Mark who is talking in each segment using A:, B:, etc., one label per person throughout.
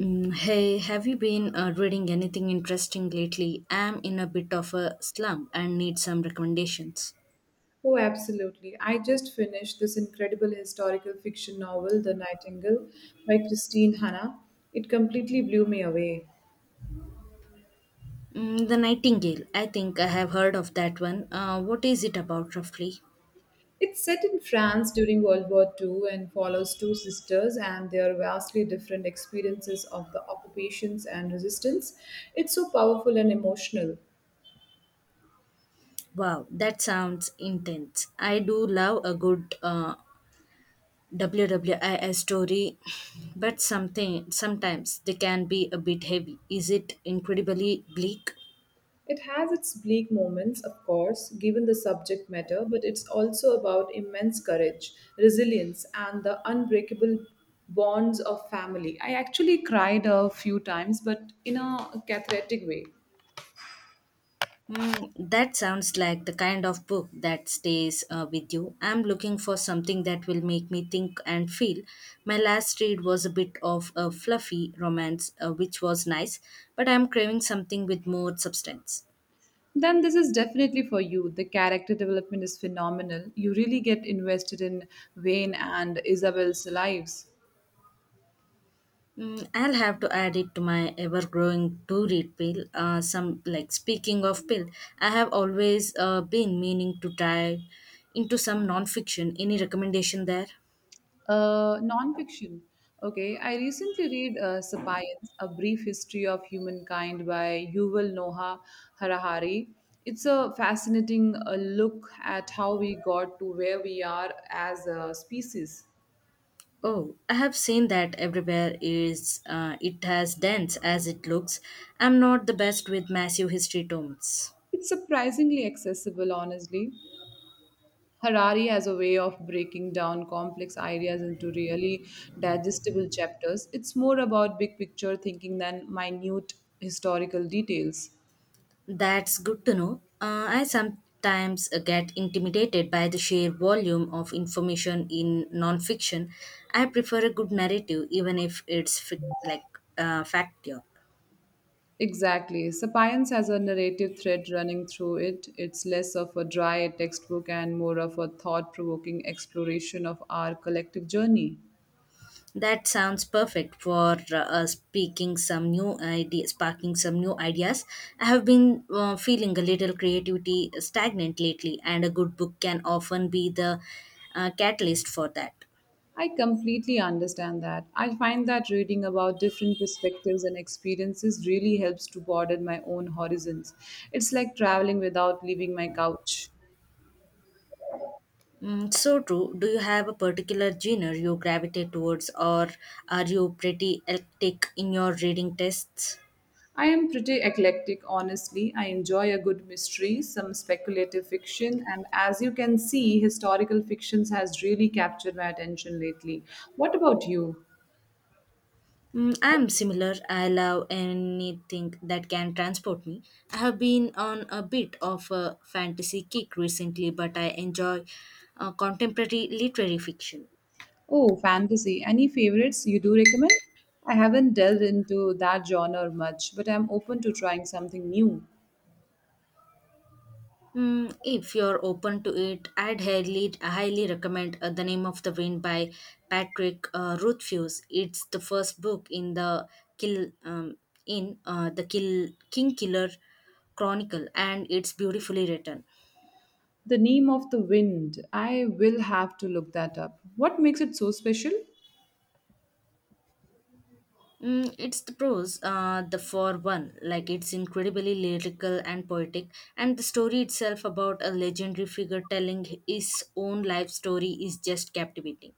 A: Hey, have you been reading anything interesting lately? I'm in a bit of a slump and need some recommendations.
B: Oh, absolutely. I just finished this incredible historical fiction novel, The Nightingale, by Christine Hanna. It completely blew me away.
A: The Nightingale. I think I have heard of that one. What is it about roughly?
B: It's set in France during World War II and follows two sisters and their vastly different experiences of the occupations and resistance. It's so powerful and emotional.
A: Wow, that sounds intense. I do love a good WWII story, but something sometimes they can be a bit heavy. Is it incredibly bleak?
B: It has its bleak moments, of course, given the subject matter, but it's also about immense courage, resilience, and the unbreakable bonds of family. I actually cried a few times, but in a cathartic way.
A: That sounds like the kind of book that stays with you. I'm looking for something that will make me think and feel. My last read was a bit of a fluffy romance, which was nice, but I'm craving something with more substance.
B: Then this is definitely for you. The character development is phenomenal. You really get invested in Wayne and Isabel's lives.
A: I'll have to add it to my ever-growing to-read pile. Some like Speaking of pile, I have always been meaning to dive into some non-fiction. Any recommendation there?
B: Nonfiction. Okay, I recently read *Sapiens: A Brief History of Humankind* by Yuval Noah Harari. It's a fascinating look at how we got to where we are as a species.
A: Oh, I have seen that everywhere. Is it as dense as it looks? I'm not the best with massive history tomes.
B: It's surprisingly accessible, honestly. Harari has a way of breaking down complex ideas into really digestible chapters. It's more about big picture thinking than minute historical details.
A: That's good to know. I sometimes get intimidated by the sheer volume of information in nonfiction. I prefer a good narrative, even if it's fact, yeah.
B: Exactly. Sapiens has a narrative thread running through it. It's less of a dry textbook and more of a thought provoking exploration of our collective journey.
A: That sounds perfect for speaking some new ideas, sparking some new ideas. I have been feeling a little creativity stagnant lately, and a good book can often be the catalyst for that.
B: I completely understand that. I find that reading about different perspectives and experiences really helps to broaden my own horizons. It's like traveling without leaving my couch.
A: So true. Do you have a particular genre you gravitate towards, or are you pretty eclectic in your reading tests?
B: I am pretty eclectic, honestly. I enjoy a good mystery, some speculative fiction, and as you can see, historical fictions has really captured my attention lately. What about you?
A: I'm similar. I love anything that can transport me. I have been on a bit of a fantasy kick recently, but I enjoy contemporary literary fiction.
B: Oh, fantasy. Any favorites you do recommend? I haven't delved into that genre much, but I'm open to trying something new.
A: If you're open to it, I'd highly recommend The Name of the Wind by Patrick Rothfuss. It's the first book in the Kill um, Kill King Killer Chronicle, and it's beautifully written.
B: The Name of the Wind. I will have to look that up. What makes it so special?
A: It's the prose, the for one, like it's incredibly lyrical and poetic, and the story itself about a legendary figure telling his own life story is just captivating.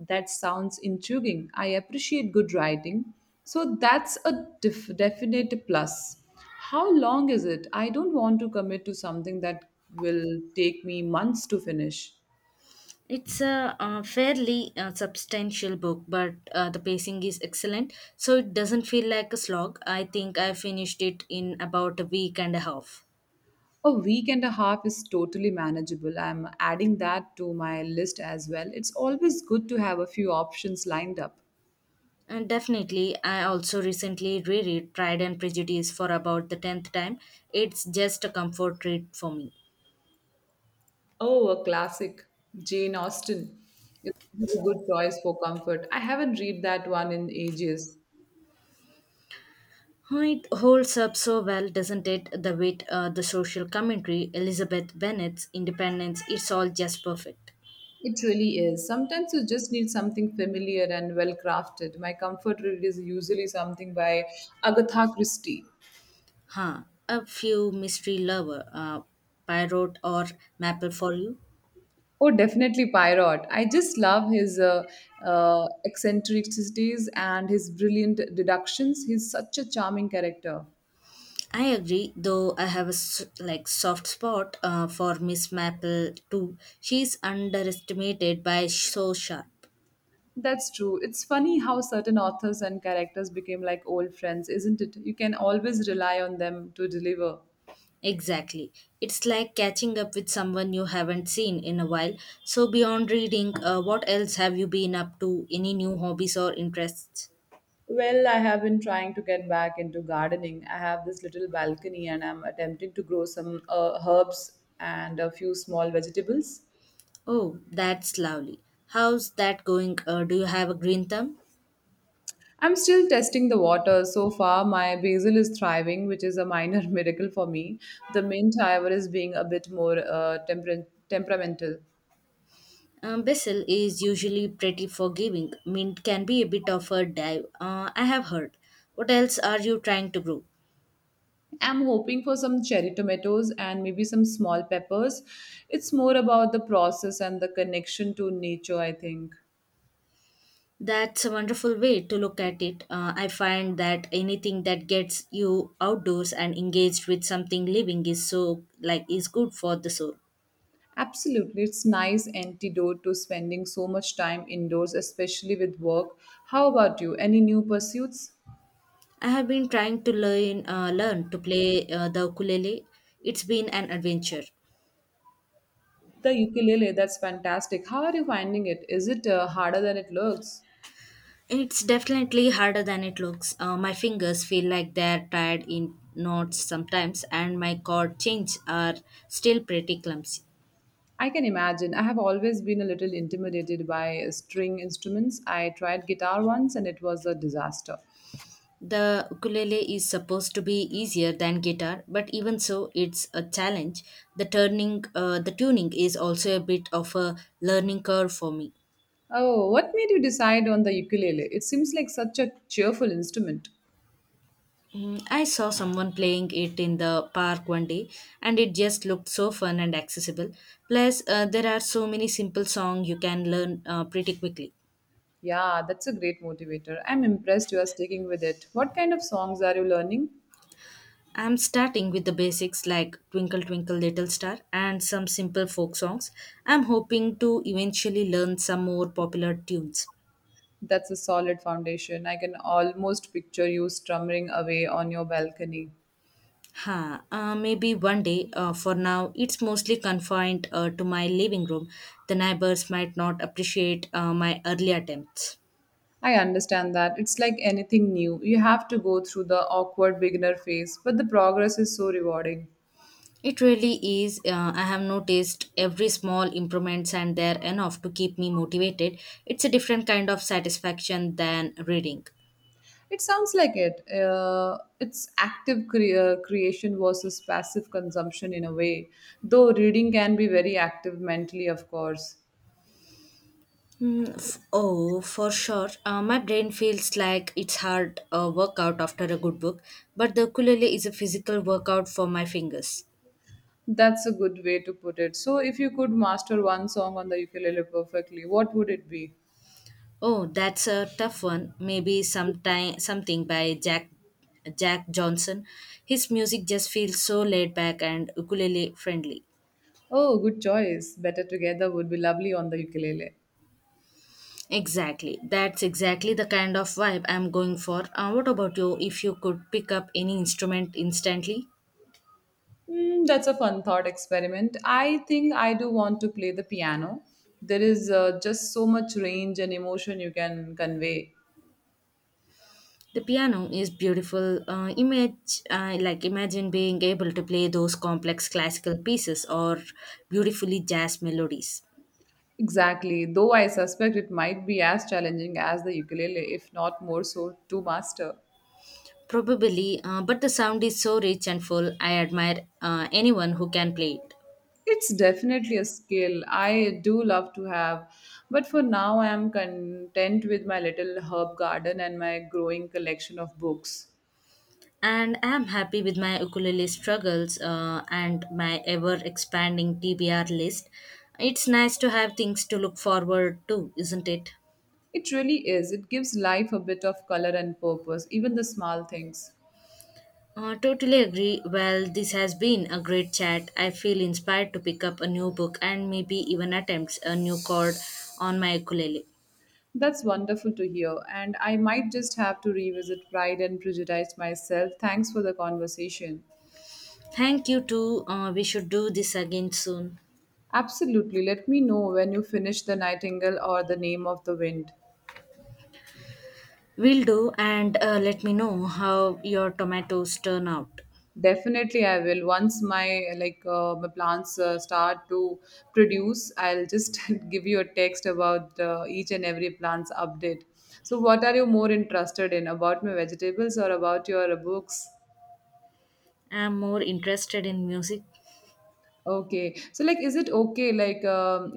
B: That sounds intriguing. I appreciate good writing. So that's a definite plus. How long is it? I don't want to commit to something that will take me months to finish.
A: It's a, fairly substantial book, but the pacing is excellent, so it doesn't feel like a slog. I think I finished it in about a week and a half.
B: A week and a half is totally manageable. I'm adding that to my list as well. It's always good to have a few options lined up.
A: And definitely, I also recently reread Pride and Prejudice for about the tenth time. It's just a comfort read for me.
B: Oh, a classic. Jane Austen is a good choice for comfort. I haven't read that one in ages.
A: Oh, it holds up so well, doesn't it? The wit, the social commentary, Elizabeth Bennet's independence, it's all just perfect.
B: It really is. Sometimes you just need something familiar and well crafted. My comfort read is usually something by Agatha Christie.
A: Huh. A few mystery lover, Pyrot or Maple for you?
B: Oh, definitely Pyrot. I just love his eccentricities and his brilliant deductions. He's such a charming character.
A: I agree, though I have a soft spot for Miss Maple too. She's underestimated by so sharp.
B: That's true. It's funny how certain authors and characters became like old friends, isn't it? You can always rely on them to deliver.
A: Exactly. It's like catching up with someone you haven't seen in a while. So, beyond reading, what else have you been up to? Any new hobbies or interests?
B: Well, I have been trying to get back into gardening. I have this little balcony and I'm attempting to grow some herbs and a few small vegetables.
A: Oh, that's lovely. How's that going? Do you have a green thumb?
B: I'm still testing the water. So far, my basil is thriving, which is a minor miracle for me. The mint, however, is being a bit more temperamental.
A: Basil is usually pretty forgiving. Mint can be a bit of a dive, I have heard. What else are you trying to grow?
B: I'm hoping for some cherry tomatoes and maybe some small peppers. It's more about the process and the connection to nature, I think.
A: That's a wonderful way to look at it. I find that anything that gets you outdoors and engaged with something living is is good for the soul.
B: Absolutely, it's nice antidote to spending so much time indoors, especially with work. How about you? Any new pursuits?
A: I have been trying to learn to play the ukulele. It's been an adventure.
B: The ukulele, that's fantastic. How are you finding it? Is it harder than it looks?
A: It's definitely harder than it looks. My fingers feel like they're tied in knots sometimes, and my chord changes are still pretty clumsy.
B: I can imagine. I have always been a little intimidated by string instruments. I tried guitar once and it was a disaster.
A: The ukulele is supposed to be easier than guitar, but even so, it's a challenge. The tuning is also a bit of a learning curve for me.
B: Oh, what made you decide on the ukulele? It seems like such a cheerful instrument.
A: I saw someone playing it in the park one day, and it just looked so fun and accessible. Plus, there are so many simple songs you can learn pretty quickly.
B: Yeah, that's a great motivator. I'm impressed you are sticking with it. What kind of songs are you learning?
A: I'm starting with the basics like Twinkle Twinkle Little Star and some simple folk songs. I'm hoping to eventually learn some more popular tunes.
B: That's a solid foundation. I can almost picture you strumming away on your balcony.
A: Maybe one day. For now, it's mostly confined to my living room. The neighbors might not appreciate my early attempts.
B: I understand that. It's like anything new. You have to go through the awkward beginner phase, but the progress is so rewarding.
A: It really is. I have noticed every small improvements, and they're enough to keep me motivated. It's a different kind of satisfaction than reading.
B: It sounds like it. It's active creation versus passive consumption in a way, though reading can be very active mentally, of course.
A: For sure. My brain feels like it's hard workout after a good book, but the ukulele is a physical workout for my fingers.
B: That's a good way to put it. So, if you could master one song on the ukulele perfectly, what would it be?
A: Oh, that's a tough one. Maybe sometime something by Jack Johnson. His music just feels so laid back and ukulele friendly.
B: Oh, good choice. Better Together would be lovely on the ukulele.
A: Exactly. That's exactly the kind of vibe I'm going for. What about you if you could pick up any instrument instantly?
B: That's a fun thought experiment. I think I do want to play the piano. There is just so much range and emotion you can convey.
A: The piano is beautiful. Image like Imagine being able to play those complex classical pieces or beautifully jazz melodies.
B: Exactly, though I suspect it might be as challenging as the ukulele, if not more so, to master.
A: Probably, but the sound is so rich and full. I admire anyone who can play it.
B: It's definitely a skill I do love to have, but for now I am content with my little herb garden and my growing collection of books.
A: And I am happy with my ukulele struggles and my ever expanding TBR list. It's nice to have things to look forward to, isn't it?
B: It really is. It gives life a bit of color and purpose, even the small things.
A: Totally agree. Well, this has been a great chat. I feel inspired to pick up a new book and maybe even attempt a new chord on my ukulele.
B: That's wonderful to hear, and I might just have to revisit Pride and Prejudice myself. Thanks for the conversation.
A: Thank you too. We should do this again soon.
B: Absolutely. Let me know when you finish The Nightingale or The Name of the Wind.
A: Will do, and let me know how your tomatoes turn out.
B: Definitely, I will. Once my plants start to produce, I'll just give you a text about each and every plant's update. So, what are you more interested in about my vegetables or about your books?
A: I'm more interested in music.
B: Okay. So, like, is it okay?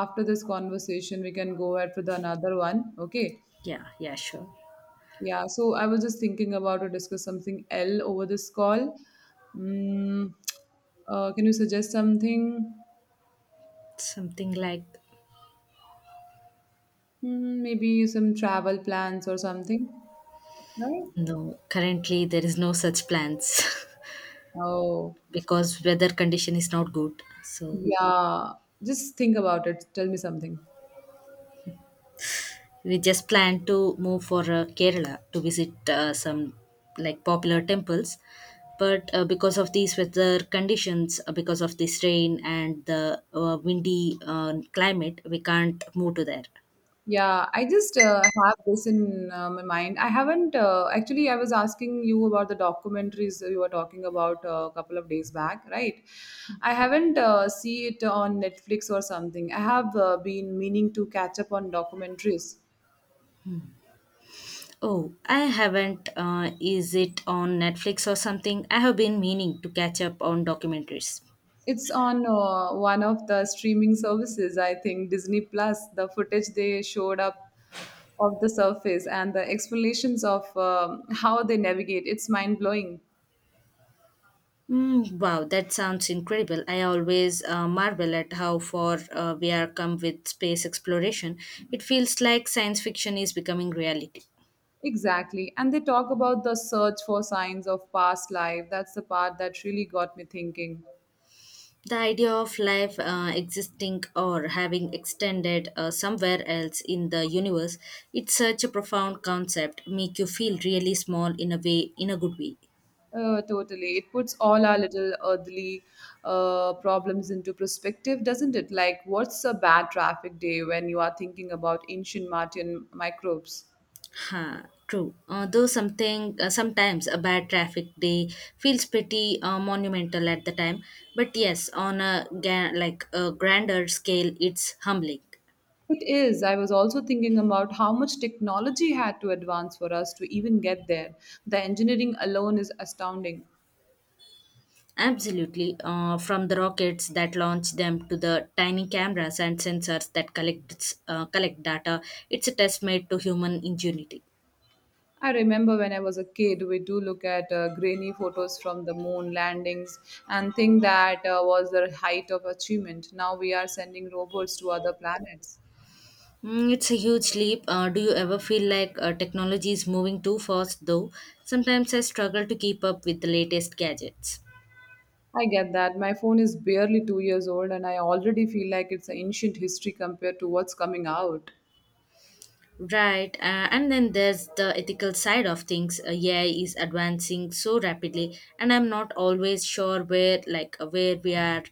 B: After this conversation, we can go ahead for the another one. Okay.
A: Yeah, yeah, sure.
B: Yeah. So, I was just thinking about to discuss something L over this call. Mm, can you suggest something?
A: Something like
B: Hmm, maybe some travel plans or something, right?
A: no, currently there is no such plans
B: Oh,
A: because weather condition is not good. So
B: yeah. Just think about it. Tell me something.
A: we just plan to move for Kerala to visit some like popular temples. But because of these weather conditions, because of this rain and the windy climate, we can't move to there.
B: Yeah, I just have this in my mind. I haven't actually. I was asking you about the documentaries you were talking about a couple of days back, right? I haven't see it on Netflix or something. I have been meaning to catch up on documentaries.
A: Oh, I haven't. Is it on Netflix or something? I have been meaning to catch up on documentaries.
B: It's on one of the streaming services, I think, Disney Plus. The footage they showed up of the surface and the explanations of how they navigate, it's mind blowing.
A: Wow, that sounds incredible. I always marvel at how far we are come with space exploration. It feels like science fiction is becoming reality.
B: Exactly. And they talk about the search for signs of past life. That's the part that really got me thinking.
A: The idea of life existing or having extended somewhere else in the universe, it's such a profound concept, make you feel really small in a way, in a good way.
B: Totally. It puts all our little earthly problems into perspective, doesn't it? Like, what's a bad traffic day when you are thinking about ancient Martian microbes?
A: Huh, true. Although something sometimes a bad traffic day feels pretty monumental at the time, but yes, on a grander scale, it's humbling.
B: It is. I was also thinking about how much technology had to advance for us to even get there. The engineering alone is astounding.
A: Absolutely, from the rockets that launch them to the tiny cameras and sensors that collect data, it's a testament to human ingenuity.
B: I remember when I was a kid, we do look at grainy photos from the moon landings and think that was the height of achievement. Now we are sending robots to other planets.
A: It's a huge leap. Do you ever feel like technology is moving too fast? Though sometimes I struggle to keep up with the latest gadgets.
B: I get that. My phone is barely 2 years old and I already feel like it's an ancient history compared to what's coming out.
A: Right, and then there's the ethical side of things. AI is advancing so rapidly, and I'm not always sure where we are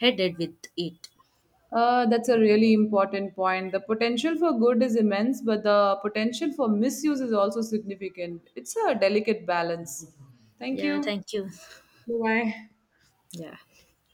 A: headed with it.
B: That's a really important point. The potential for good is immense, but the potential for misuse is also significant. It's a delicate balance. Thank
A: Yeah,
B: you.
A: thank you.
B: Bye
A: Yeah.